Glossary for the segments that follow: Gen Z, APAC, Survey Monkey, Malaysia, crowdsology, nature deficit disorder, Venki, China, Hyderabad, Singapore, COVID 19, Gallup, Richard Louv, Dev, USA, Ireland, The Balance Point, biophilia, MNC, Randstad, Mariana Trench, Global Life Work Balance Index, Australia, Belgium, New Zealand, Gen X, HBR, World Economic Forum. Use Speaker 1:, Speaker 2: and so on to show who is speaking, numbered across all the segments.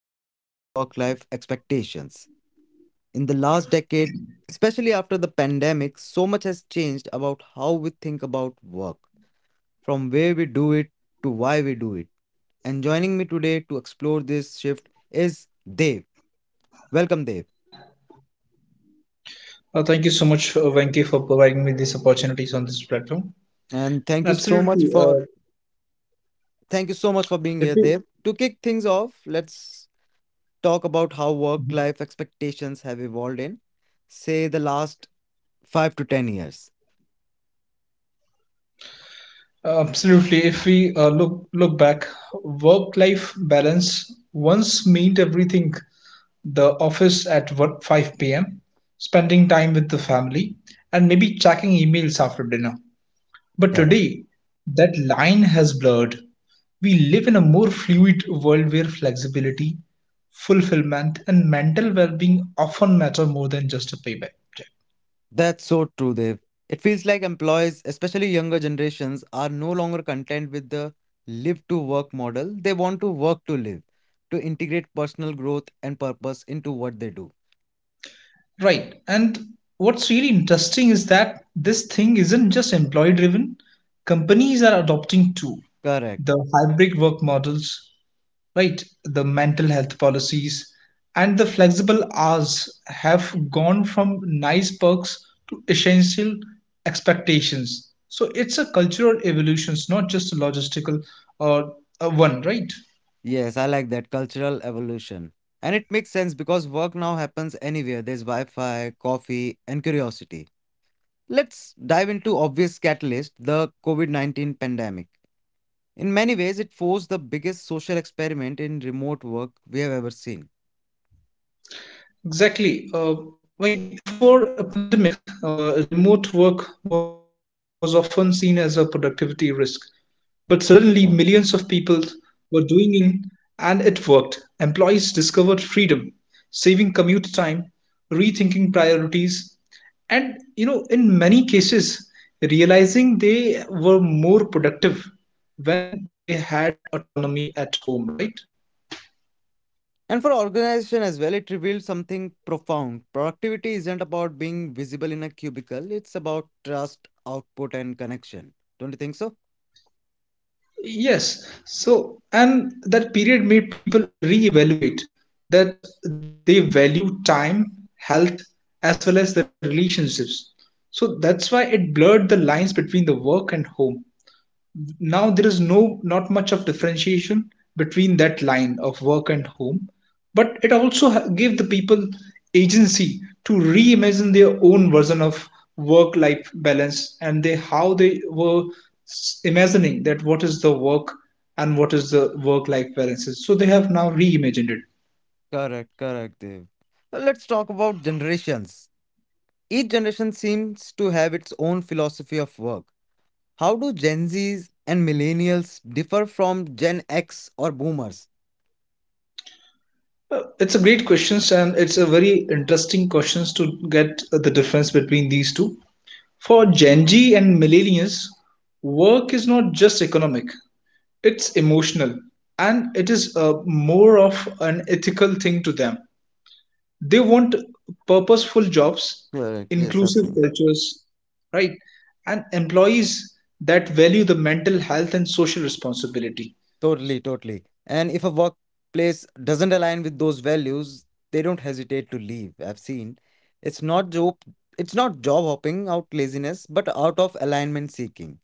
Speaker 1: the shift in work life expectations. In the last decade, especially after the pandemic, so much has changed about how we think about work from where we do it to why we do it. And joining me today to explore this shift is Dev. Welcome, Dev.
Speaker 2: Thank you so much, Venki, for providing me these opportunities on this platform. And
Speaker 1: And
Speaker 2: absolutely,
Speaker 1: thank you so much for
Speaker 2: if
Speaker 1: being
Speaker 2: we
Speaker 1: here, Dev. To kick things off, let's talk about how work-life expectations have evolved in, say, the last 5 to 10 years.
Speaker 2: Absolutely, if we look back, work-life balance once meant everything: the office at what 5 p.m., spending time with the family, and maybe checking emails after dinner. But today, that line has blurred. We live in a more fluid world where flexibility, fulfillment, and mental well being often matter more than just a payback check.
Speaker 1: That's so true, Dev. It feels like employees, especially younger generations, are no longer content with the live to work model. They want to work to live, to integrate personal growth and purpose into what they do.
Speaker 2: Right. And what's really interesting is that this thing isn't just employee driven, companies are adopting too.
Speaker 1: Correct.
Speaker 2: The hybrid work models, right, the mental health policies and the flexible hours have gone from nice perks to essential expectations. So it's a cultural evolution, it's not just a logistical uh, one, right?
Speaker 1: Yes, I like that cultural evolution. And it makes sense because work now happens anywhere. There's Wi Fi, coffee, and curiosity. Let's dive into obvious catalyst the COVID 19 pandemic. In many ways, it forced the biggest social experiment in remote work we have ever seen.
Speaker 2: Exactly. Venki, before a pandemic, remote work was often seen as a productivity risk. But suddenly millions of people were doing it, and it worked. Employees discovered freedom, saving commute time, rethinking priorities, and in many cases, realizing they were more productive when they had autonomy at home, right?
Speaker 1: And for organization as well, it revealed something profound. Productivity isn't about being visible in a cubicle, it's about trust, output, and connection. Don't you think so?
Speaker 2: Yes. So, and that period made people reevaluate that they value time, health, as well as the relationships. So that's why it blurred the lines between the work and home. Now there is not much of differentiation between that line of work and home, but it also gave the people agency to reimagine their own version of work life balance. And they how they were imagining that, what is the work and what is the work life balances. So they have now reimagined it.
Speaker 1: Correct, correct, Dev. Now let's talk about generations. Each generation seems to have its own philosophy of work. How do Gen Zs and millennials differ from Gen X or boomers?
Speaker 2: It's a great questions, and it's a very interesting questions to get the difference between these two. For Gen Z and millennials, work is not just economic, it's emotional, and it is more of an ethical thing to them. They want purposeful jobs,
Speaker 1: Correct, yes,
Speaker 2: inclusive
Speaker 1: absolutely.
Speaker 2: cultures, right? And employees that value the mental health and social responsibility.
Speaker 1: Totally, totally. And if a workplace doesn't align with those values, they don't hesitate to leave. I've seen. It's not job it's not job hopping out laziness, but out of alignment seeking.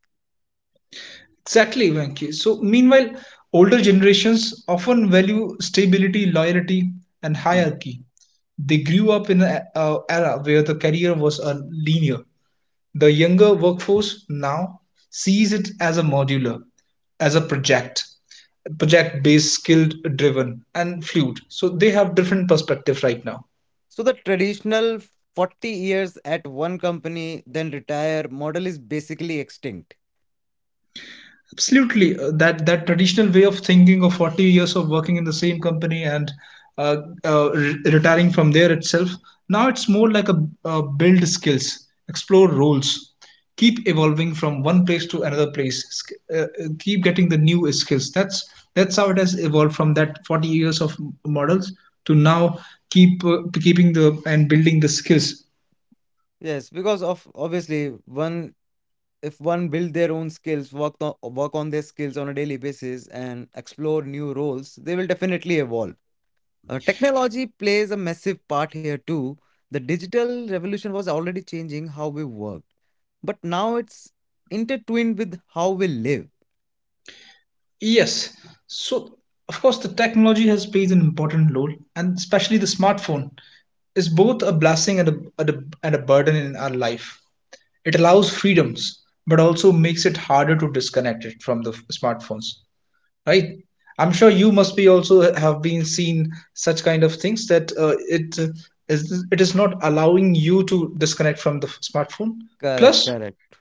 Speaker 2: Exactly, Venki. So, meanwhile, older generations often value stability, loyalty, and hierarchy. They grew up in an era where the career was a linear. The younger workforce now sees it as a modular, as a project based, skilled driven, and fluid. So they have different perspective right now.
Speaker 1: So the traditional 40 years at one company then retire model is basically extinct.
Speaker 2: Absolutely. That traditional way of thinking of 40 years of working in the same company and uh, retiring from there itself. Now it's more like build skills, explore roles, keep evolving from one place to another place, keep getting the new skills. That's how it has evolved from that 40 years of models to now keeping the and building the skills.
Speaker 1: Yes, because of obviously one if one build their own skills, work on their skills on a daily basis and explore new roles, they will definitely evolve. Technology plays a massive part here too. The digital revolution was already changing how we worked, but now it's intertwined with how we live.
Speaker 2: Yes. So, of course, the technology has played an important role, and especially the smartphone is both a blessing and a burden in our life. It allows freedoms, but also makes it harder to disconnect it from the smartphones, right? I'm sure you must be also have been seen such kind of things that it is not allowing you to disconnect from the smartphone.
Speaker 1: Correct,
Speaker 2: Plus,
Speaker 1: correct.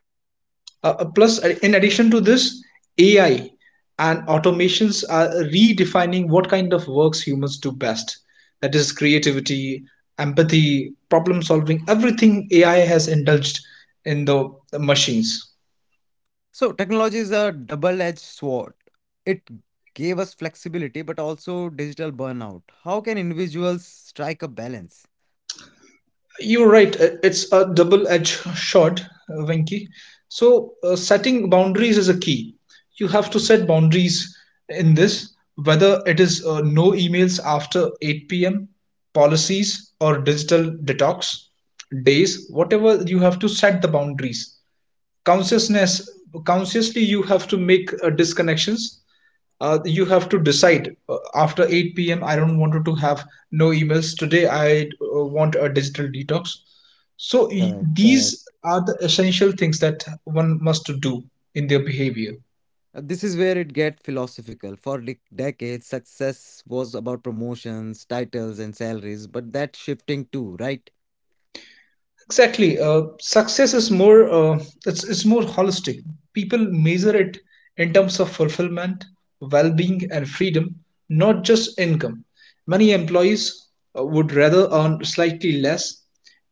Speaker 2: in addition to this, AI and automations are redefining what kind of works humans do best. That is creativity, empathy, problem solving, everything AI has indulged in the machines.
Speaker 1: So, technology is a double edged sword. It gave us flexibility, but also digital burnout. How can individuals strike a balance?
Speaker 2: You're right. It's a double-edged sword, Venki. So, setting boundaries is a key. You have to set boundaries in this, whether it is no emails after 8 p.m., policies, or digital detox days, whatever. You have to set the boundaries consciousness consciously. You have to make disconnections. You have to decide after 8 p.m. I don't want to have no emails today. I want a digital detox. So
Speaker 1: Correct, correct.
Speaker 2: these are the essential things that one must do in their behavior.
Speaker 1: This is where it gets philosophical. For decades, success was about promotions, titles, and salaries, but that's shifting too, right?
Speaker 2: Exactly. Success is more, it's more holistic. People measure it in terms of fulfillment, well-being, and freedom, not just income. Many employees would rather earn slightly less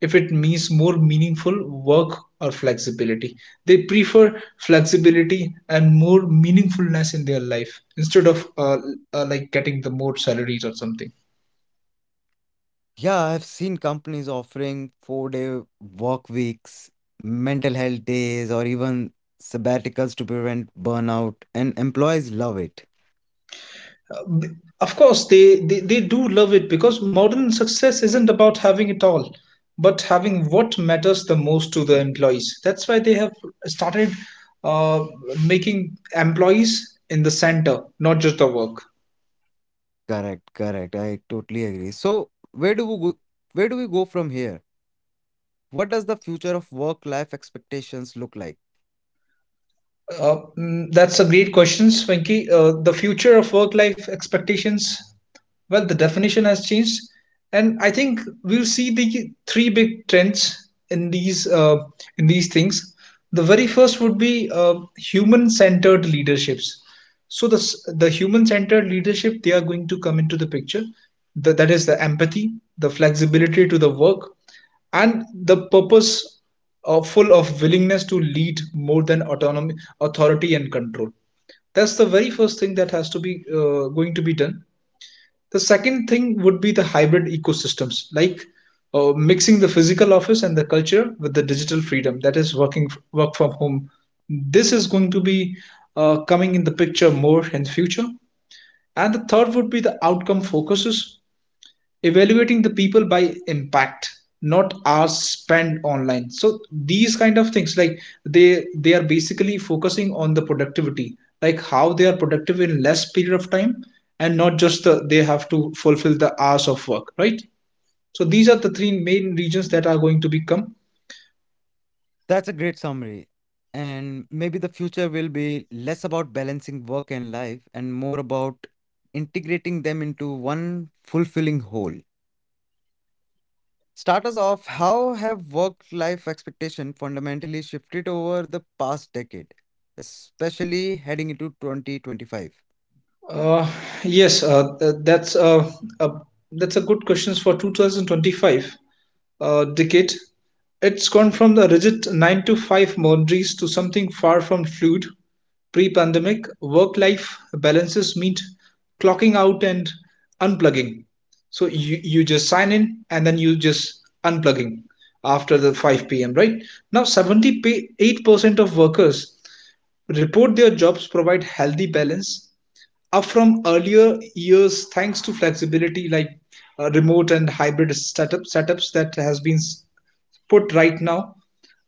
Speaker 2: if it means more meaningful work or flexibility. They prefer flexibility and more meaningfulness in their life instead of like getting the more salaries or something.
Speaker 1: Yeah, I've seen companies offering four-day work weeks, mental health days, or even sabbaticals to prevent burnout, and employees love it.
Speaker 2: Of course they do love it, because modern success isn't about having it all but having what matters the most to the employees. That's why they have started uh, making employees in the center, not just the work.
Speaker 1: Correct, correct. I totally agree. So, where do we go from here? What does the future of work-life expectations look like?
Speaker 2: That's a great question, swanky. The future of work life expectations, well, the definition has changed, and I think we'll see the three big trends in these things. The very first would be human-centered leaderships. So the human-centered leadership, they are going to come into the picture. That is the empathy, the flexibility to the work, and the purpose full of willingness to lead, more than autonomy, authority, and control. That's the very first thing that has to be, going to be done. The second thing would be the hybrid ecosystems, like mixing the physical office and the culture with the digital freedom, that is work from home. This is going to be, coming in the picture more in future. And the third would be the outcome focuses, evaluating the people by impact, not hours spent online. So these kind of things, like they are basically focusing on the productivity, like how they are productive in less period of time and not just they have to fulfill the hours of work, right? So these are the three main regions that are going to become.
Speaker 1: That's a great summary. And maybe the future will be less about balancing work and life and more about integrating them into one fulfilling whole. Start us off. How have work life expectation fundamentally shifted over the past decade, especially heading into 2025?
Speaker 2: Uh, yes, uh, th- that's uh, a that's a good question for 2025 decade. It's gone from the rigid 9 to 5 boundaries to something far from fluid. Pre-pandemic, work-life balances meant clocking out and unplugging. So you just sign in and then you just unplugging after the 5 p.m. Right now, 78% of workers report their jobs provide healthy balance, up from earlier years, thanks to flexibility like remote and hybrid setups that has been put right now.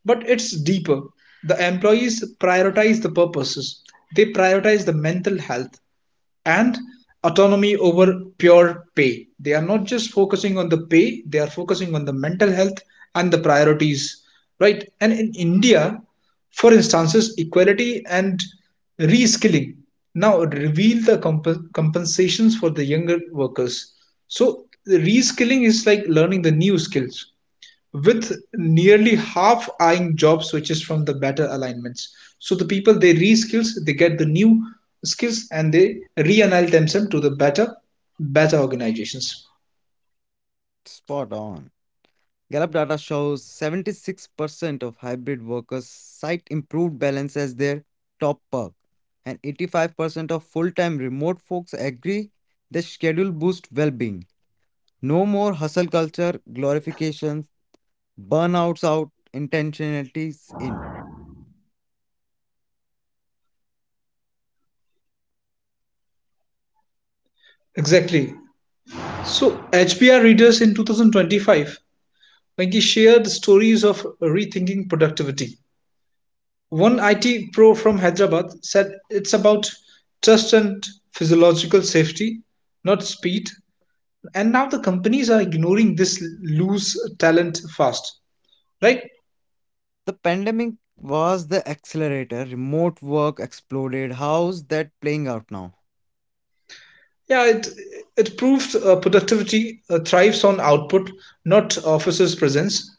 Speaker 2: But it's deeper. The employees prioritize the purposes, they prioritize the mental health and autonomy over pure pay. They are not just focusing on the pay, they are focusing on the mental health and the priorities, right? And in India, for instances, equality and reskilling now reveal the compensations for the younger workers. So, the reskilling is like learning the new skills, with nearly half eyeing job switches from the better alignments. So the people they reskills, they get the new skills and they realign themselves to the better organizations.
Speaker 1: Spot on. Gallup data shows 76% of hybrid workers cite improved balance as their top perk, and 85% of full time remote folks agree the schedule boosts well being. No more hustle culture, glorifications, burnouts out, intentionalities in.
Speaker 2: Exactly. So HBR readers in 2025, Venki, shared stories of rethinking productivity. One IT pro from Hyderabad said it's about trust and physiological safety, not speed. And now the companies are ignoring this, loose talent fast, right?
Speaker 1: The pandemic was the accelerator, remote work exploded. How's that playing out now?
Speaker 2: Yeah, it proves productivity thrives on output, not officers presence.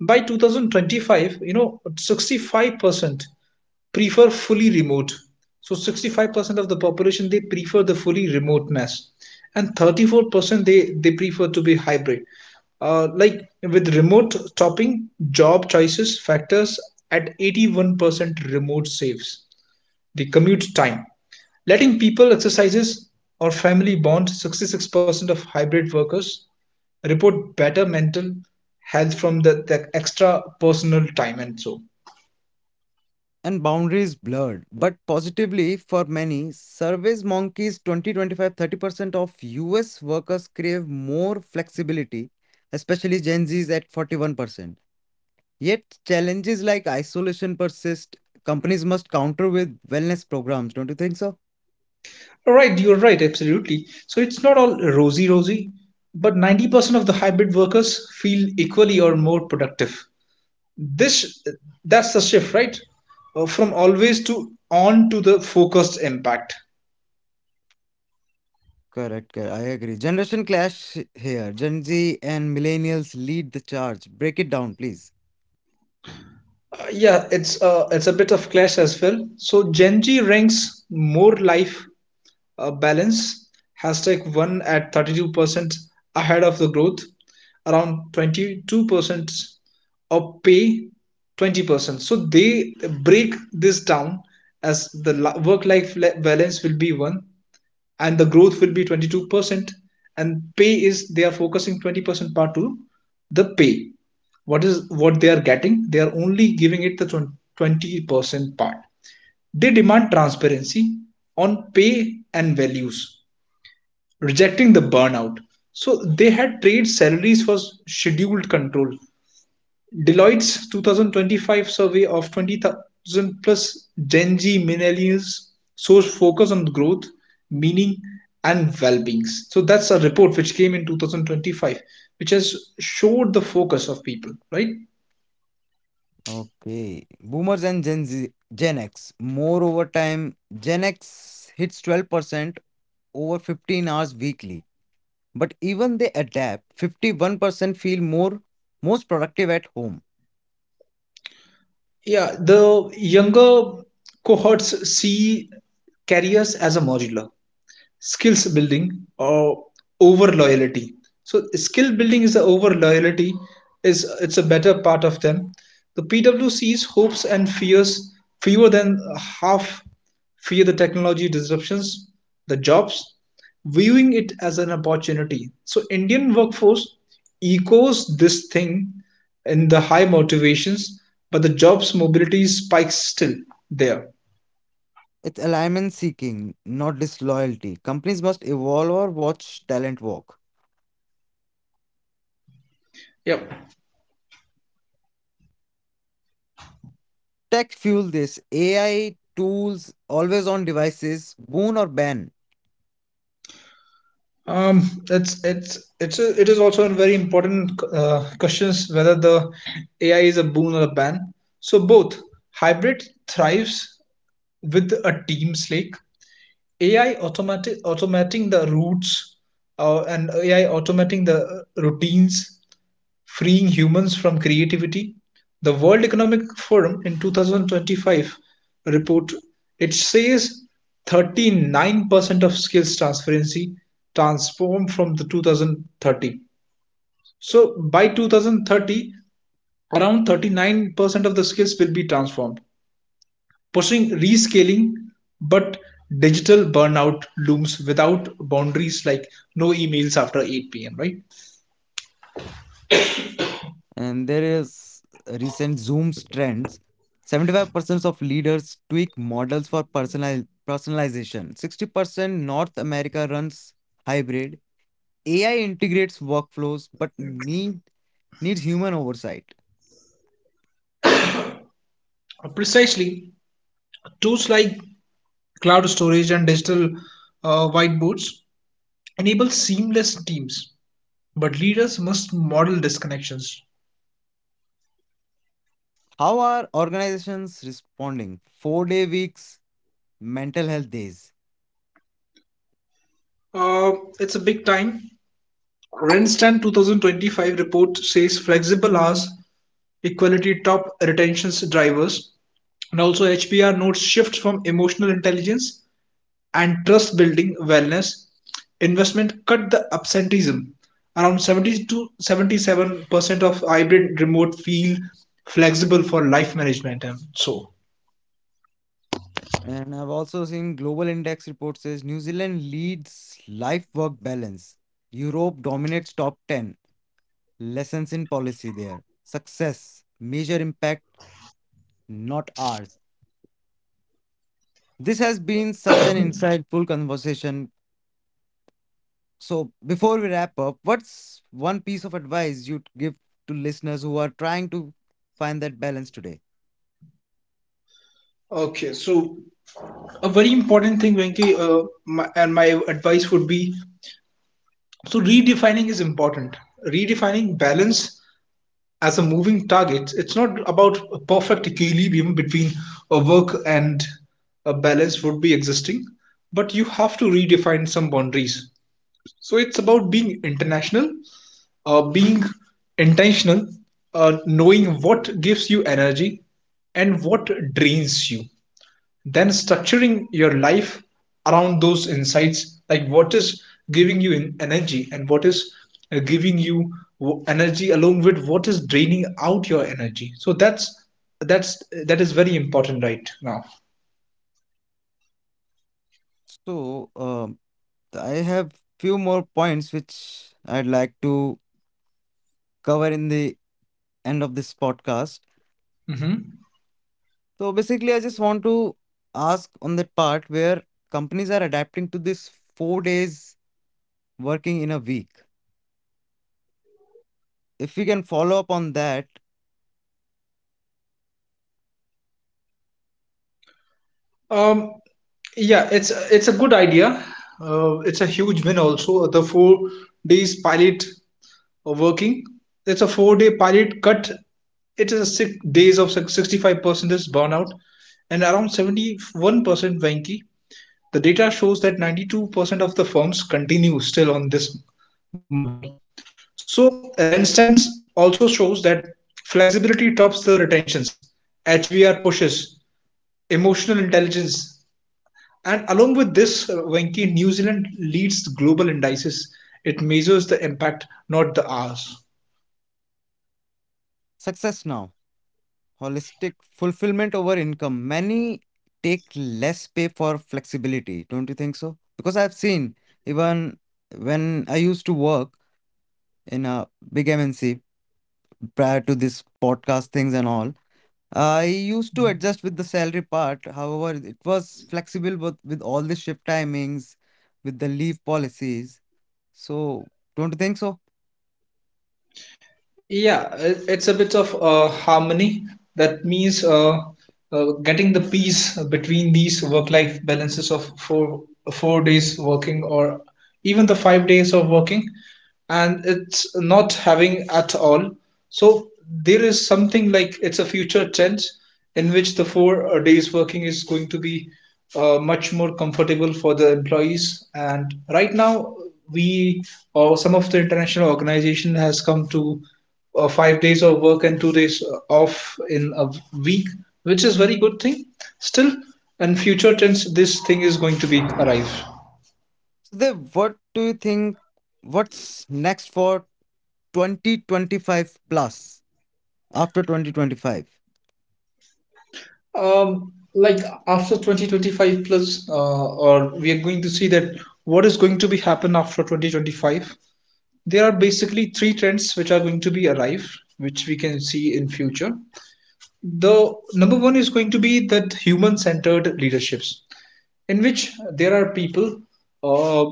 Speaker 2: By 2025, you know, 65% prefer fully remote. So 65% of the population, they prefer the fully remoteness, and 34% they prefer to be hybrid. Like with remote topping, job choices factors at 81%, remote saves the commute time. Letting people exercises or family bond, 66% of hybrid workers report better mental health from the extra personal time and so.
Speaker 1: And boundaries blurred. But positively, for many, surveys monkeys 20 30% of US workers crave more flexibility, especially Gen Zs at 41%. Yet, challenges like isolation persist. Companies must counter with wellness programs, don't you think so?
Speaker 2: Right, you're right, absolutely. So it's not all rosy, but 90% of the hybrid workers feel equally or more productive. This That's the shift, right? From always to on to the focused impact.
Speaker 1: Correct, correct. I agree. Generation clash here. Gen Z and millennials lead the charge. Break it down, please.
Speaker 2: Yeah, it's a bit of clash as well. So Gen Z ranks more life balance hashtag 1 at 32%, ahead of the growth, around 22%, of pay 20%. So they break this down as the work life balance will be 1, and the growth will be 22%, and pay is they are focusing 20% part to the pay. What is what they are getting, they are only giving it the 20% part. They demand transparency on pay and values, rejecting the burnout. So they had trade salaries for scheduled control. Deloitte's 2025 survey of 20,000 plus Gen Z millennials shows focus on growth, meaning, and well-being. So that's a report which came in 2025, which has showed the focus of people, right?
Speaker 1: Okay. Boomers and Gen Z, Gen X. More over time, Gen X hits 12% over 15 hours weekly. But even they adapt, 51% feel more most productive at home.
Speaker 2: Yeah, the younger cohorts see careers as a modular, skills building or over loyalty. So skill building is the over loyalty, is it's a better part of them. The pwc's hopes and fears, fewer than half fear the technology disruptions, the jobs, viewing it as an opportunity. So indian workforce echoes this thing in the high motivations, but the jobs mobility spikes still there.
Speaker 1: It's alignment seeking, not disloyalty. Companies must evolve or watch talent walk.
Speaker 2: Yep.
Speaker 1: Tech fuel this. AI tools, always on devices, boon or ban.
Speaker 2: Um, it is also a very important questions whether the AI is a boon or a ban. So both. Hybrid thrives with a team slake. AI automatic automating the routes and AI automating the routines, freeing humans from creativity. The World Economic Forum in 2025 report, it says 39% of skills transferency transformed from the 2030. So by 2030, around 39% of the skills will be transformed, pushing rescaling, but digital burnout looms without boundaries like no emails after 8 p.m., right?
Speaker 1: And there is recent Zoom's trends. 75% of leaders tweak models for personalization. 60% North America runs hybrid. AI integrates workflows but needs human oversight.
Speaker 2: Precisely, tools like Cloud storage and digital whiteboards enable seamless teams, but leaders must model disconnections.
Speaker 1: How are organizations responding? 4-day weeks, mental health days.
Speaker 2: Uh, it's a big time. Randstad 2025 report says flexible hours, equality top retention drivers, and also HBR notes shift from emotional intelligence and trust building wellness investment cut the absenteeism. Around 70 to 77% of hybrid remote feel flexible for life management and so.
Speaker 1: And I've also seen Global Index report says New Zealand leads life work balance. Europe dominates top 10. Lessons in policy there. Success, measure impact, not ours. This has been such an insightful conversation. So, before we wrap up, what's one piece of advice you'd give to listeners who are trying to find that balance today?
Speaker 2: Okay, so a very important thing, Venki, my advice would be so redefining is important. Redefining balance as a moving target. It's not about a perfect equilibrium between a work and a balance would be existing, but you have to redefine some boundaries. So it's about being international, being intentional, knowing what gives you energy and what drains you. Then structuring your life around those insights, like what is giving you energy and what is giving you energy along with what is draining out your energy. So that's that is very important right now.
Speaker 1: So, I have few more points which I'd like to cover in the end of this podcast.
Speaker 2: Mhm.
Speaker 1: So basically, I just want to ask on that part where companies are adapting to this 4 days working in a week. If we can follow up on that,
Speaker 2: Um, Yeah, it's a good idea. It's a huge win also. The 4 days pilot working. It's a 4 day pilot cut. It is a 6 days of 65% is burnout and around 71%, wanky. The data shows that 92% of the firms continue still on this model. So Randstad's also shows that flexibility tops the retentions. HVR pushes emotional intelligence, and along with this, Venki, New Zealand leads the global indices. It measures the impact, not the hours.
Speaker 1: success now, holistic fulfillment over income. Many take less pay for flexibility, don't you think so? Because I've seen even when I used to work in a big MNC prior to this podcast things and all, I used to adjust with the salary part. However, it was flexible with all the shift timings, with the leave policies. So, don't you think so?
Speaker 2: Yeah, it's a bit of harmony. That means getting the peace between these work-life balances of four days working or even the 5 days of working, and it's not having at all. So there is something like it's a future tense in which the four days working is going to be much more comfortable for the employees. And right now, we or some of the international organization has come to 5 days of work and 2 days off in a week, which is very good thing. Still, in future tense, this thing is going to be arrive.
Speaker 1: Dev, what do you think? What's next for 2025 plus after 2025?
Speaker 2: Like after 2025 plus, or we are going to see that what is going to be happen after 2025. There are basically three trends which are going to be arrive, which we can see in future. The number one is going to be that human-centered leaderships, in which there are people, uh,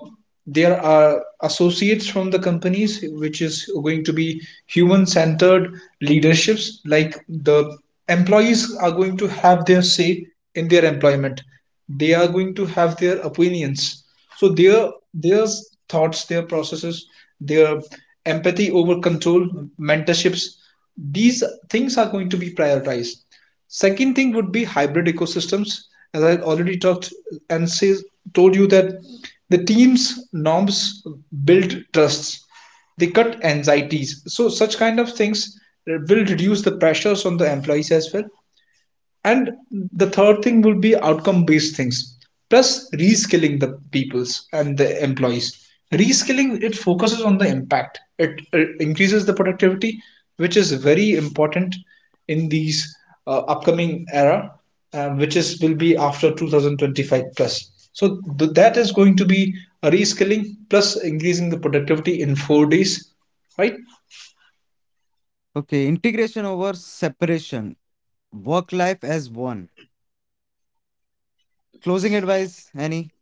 Speaker 2: there are associates from the companies which is going to be human centered leaderships, like the employees are going to have their say in their employment, they are going to have their opinions, so their thoughts, their processes, their empathy over control, mentorships, these things are going to be prioritized. Second thing would be hybrid ecosystems, as I already talked and say, told you, that the team's norms build trusts, they cut anxieties. So such kind of things will reduce the pressures on the employees as well. And the third thing would be outcome based things plus reskilling the peoples and the employees. Reskilling, it focuses on the impact, it increases the productivity, which is very important in these upcoming era, which is will be after 2025 plus. So that is going to be a reskilling plus increasing the productivity in 4 days, right?
Speaker 1: Okay, integration over separation, work life as one. Closing advice, any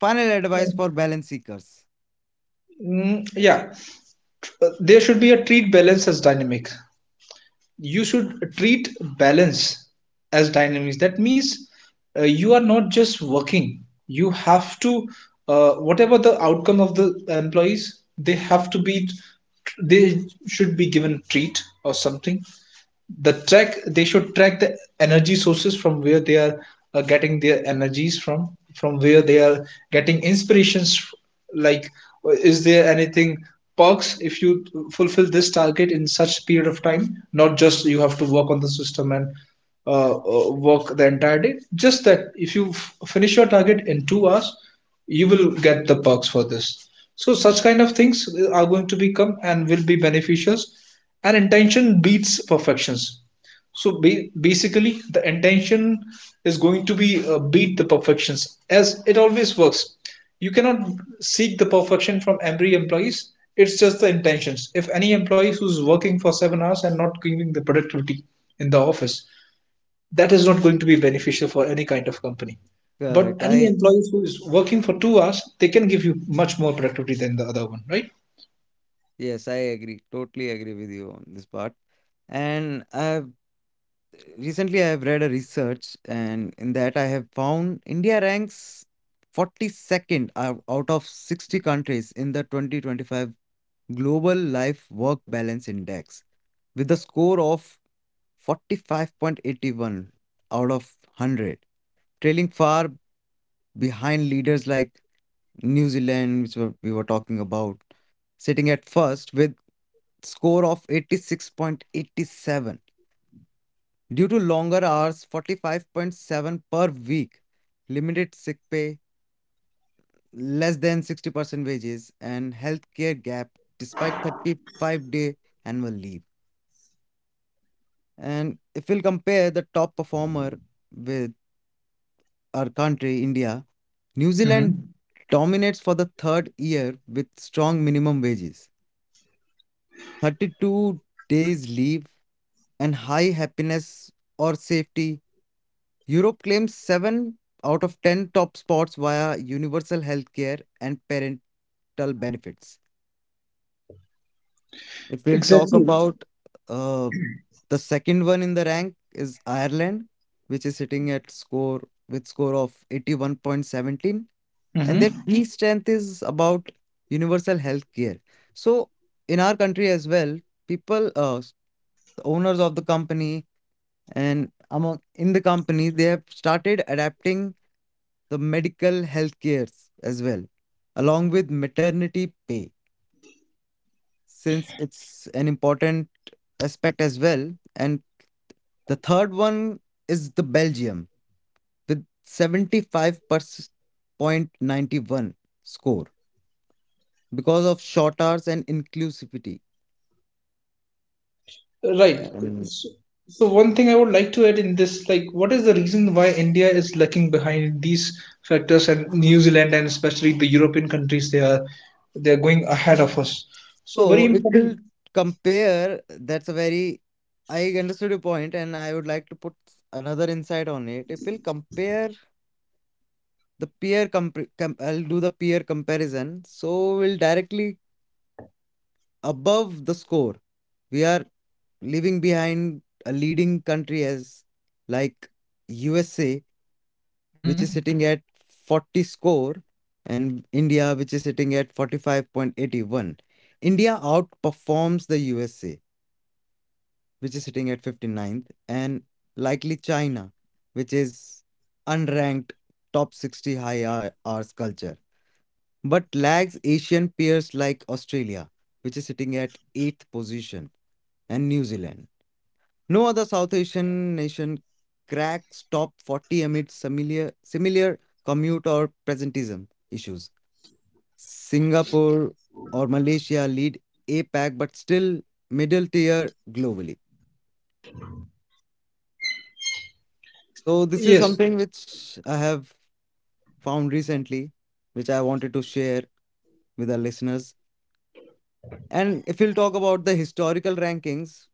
Speaker 1: final advice for balance seekers?
Speaker 2: Mm, yeah, there should be a treat balance as dynamic. You should treat balance as dynamics. That means you are not just working. You have to, whatever the outcome of the employees, they should be given treat or something. They should track the energy sources from where they are getting their energies, from where they are getting inspirations, like, is there anything, perks if you fulfill this target in such period of time. Not just you have to work on the system and work the entire day, just that if you finish your target in 2 hours, you will get the perks for this. So such kind of things are going to become and will be beneficials. And intention beats perfections. So basically, the intention is going to be beat the perfections, as it always works. You cannot seek the perfection from every employees. It's just the intentions. If any employees who's working for 7 hours and not giving the productivity in the office, that is not going to be beneficial for any kind of company. But
Speaker 1: Correct.
Speaker 2: any
Speaker 1: I
Speaker 2: employee who is working for 2 hours, they can give you much more productivity than the other one, right?
Speaker 1: Yes, I agree. Totally agree with you on this part. And I recently, I have read a research, and in that I have found India ranks 42nd out of 60 countries in the 2025 Global Life Work Balance Index with a score of 45.81 out of 100, trailing far behind leaders like New Zealand, which we were talking about, sitting at first with score of 86.87. Due to longer hours, 45.7 per week, limited sick pay, less than 60% wages, and healthcare gap despite 35-day annual leave. And if we'll compare the top performer with our country, India, New Zealand
Speaker 2: Mm-hmm.
Speaker 1: dominates for the third year with strong minimum wages, 32 days leave, and high happiness or safety Europe claims 7 out of 10 top spots via universal healthcare and parental benefits. If we'll talk
Speaker 2: Exactly.
Speaker 1: about uh, the second one in the rank is Ireland, which is sitting at score with score of 81.17 and
Speaker 2: Mm-hmm.
Speaker 1: their key strength is about universal healthcare. So in our country as well, people, the owners of the company and among in the company, they have started adapting the medical health cares as well, along with maternity pay, since it's an important aspect as well. And the third one is the Belgium with 75.91 score because of short hours and inclusivity.
Speaker 2: Right.
Speaker 1: Um,
Speaker 2: So, so one thing I would like to add in this, like, what is the reason why India is lagging behind these factors, and New Zealand and especially the European countries, they are going ahead of us. So very
Speaker 1: so it will
Speaker 2: important.
Speaker 1: compare, that's a very, I understood your point and I would like to put another insight on it. It will compare The peer comp com I'll do the peer comparison. So we'll directly above the score. We are leaving behind a leading country as like USA,
Speaker 2: Hmm.
Speaker 1: which is sitting at 40 score, and India, which is sitting at 45.81. India outperforms the USA, which is sitting at fifty ninth, and likely China, which is unranked top 60 high hours culture. But lags Asian peers like Australia, which is sitting at 8th position, and New Zealand. No other South Asian nation cracks top 40 amid similar commute or presentism issues. Singapore or Malaysia lead APAC, but still middle tier globally. So, this is
Speaker 2: Yes.
Speaker 1: something which I have found recently, which I wanted to share with our listeners. And if we'll talk about the historical rankings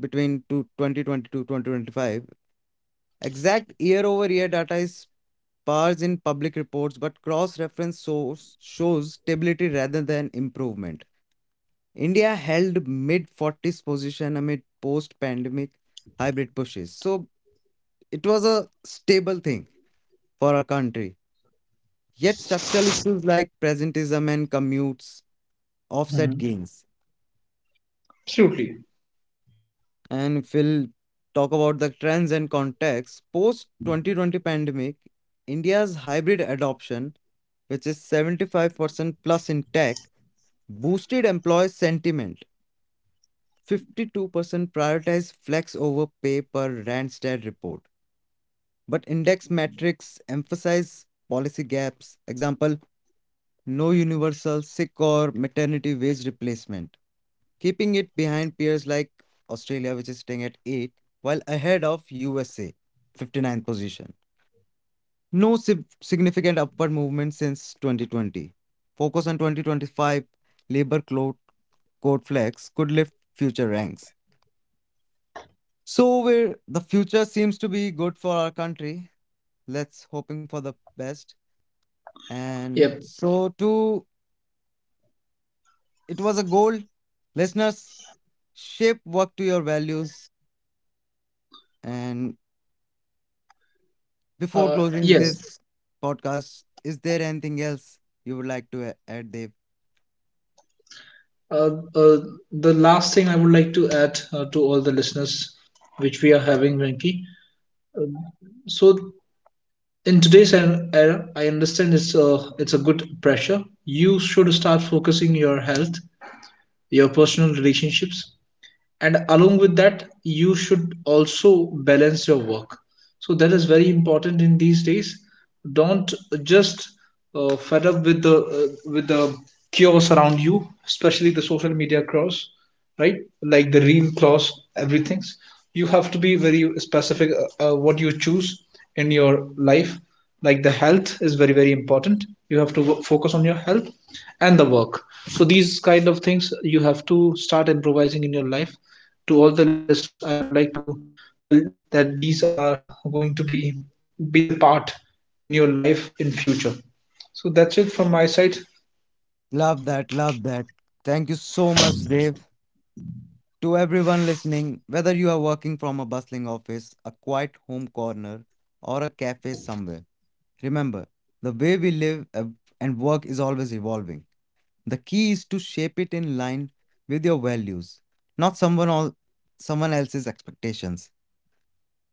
Speaker 1: between 2020 to 2025, exact year over year data is sparse in public reports, but cross reference source shows stability rather than improvement. India held mid 40s position amid post pandemic hybrid pushes. So it was a stable thing for our country. Yet structural issues like presentism and commutes
Speaker 2: Hmm.
Speaker 1: offset gains.
Speaker 2: Absolutely.
Speaker 1: And if we'll talk about the trends and context, post 2020 pandemic, India's hybrid adoption, which is 75% plus in tech, boosted employee sentiment. 52% prioritized flex over pay per Randstad report. But index metrics emphasize policy gaps, example, no universal sick or maternity wage replacement keeping it behind peers like Australia, which is sitting at 8, while ahead of USA, fifty-ninth position. No significant upward movement since 2020. Focus on 2025 labor code flex could lift future ranks. So where the future seems to be good for our country, let's hoping for the best. And
Speaker 2: Yep.
Speaker 1: so to it was a goal, listeners shape work to your values and Before closing
Speaker 2: Yes.
Speaker 1: this podcast, is there anything else you would like to add, Dave?
Speaker 2: Uh, uh, the last thing I would like to add to all the listeners, which we are having, Venki. So in today's era, I understand it's a good pressure. You should start focusing your health, your personal relationships, and along with that, you should also balance your work. So that is very important in these days. Don't just fed up with the with the chaos around you, especially the social media chaos, right? Like the real chaos, everything, you have to be very specific, what you choose in your life, like the health is very very important. You have to focus on your health and the work. So these kind of things you have to start improvising in your life. To all the listeners, I would like to tell that these are going to be the part in your life in future. So that's it from my side.
Speaker 1: Love that. Love that. Thank you so much, Dave. To everyone listening, whether you are working from a bustling office, a quiet home corner, or a cafe somewhere, remember the way we live and work is always evolving. The key is to shape it in line with your values, not someone else's expectations.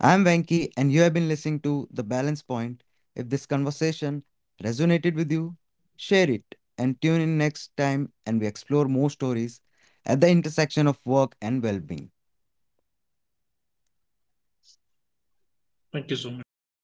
Speaker 1: I'm Venki, and you have been listening to The Balance Point. If this conversation resonated with you, share it and tune in next time and we explore more stories at the intersection of work and well being.
Speaker 2: Thank you so much, Venky.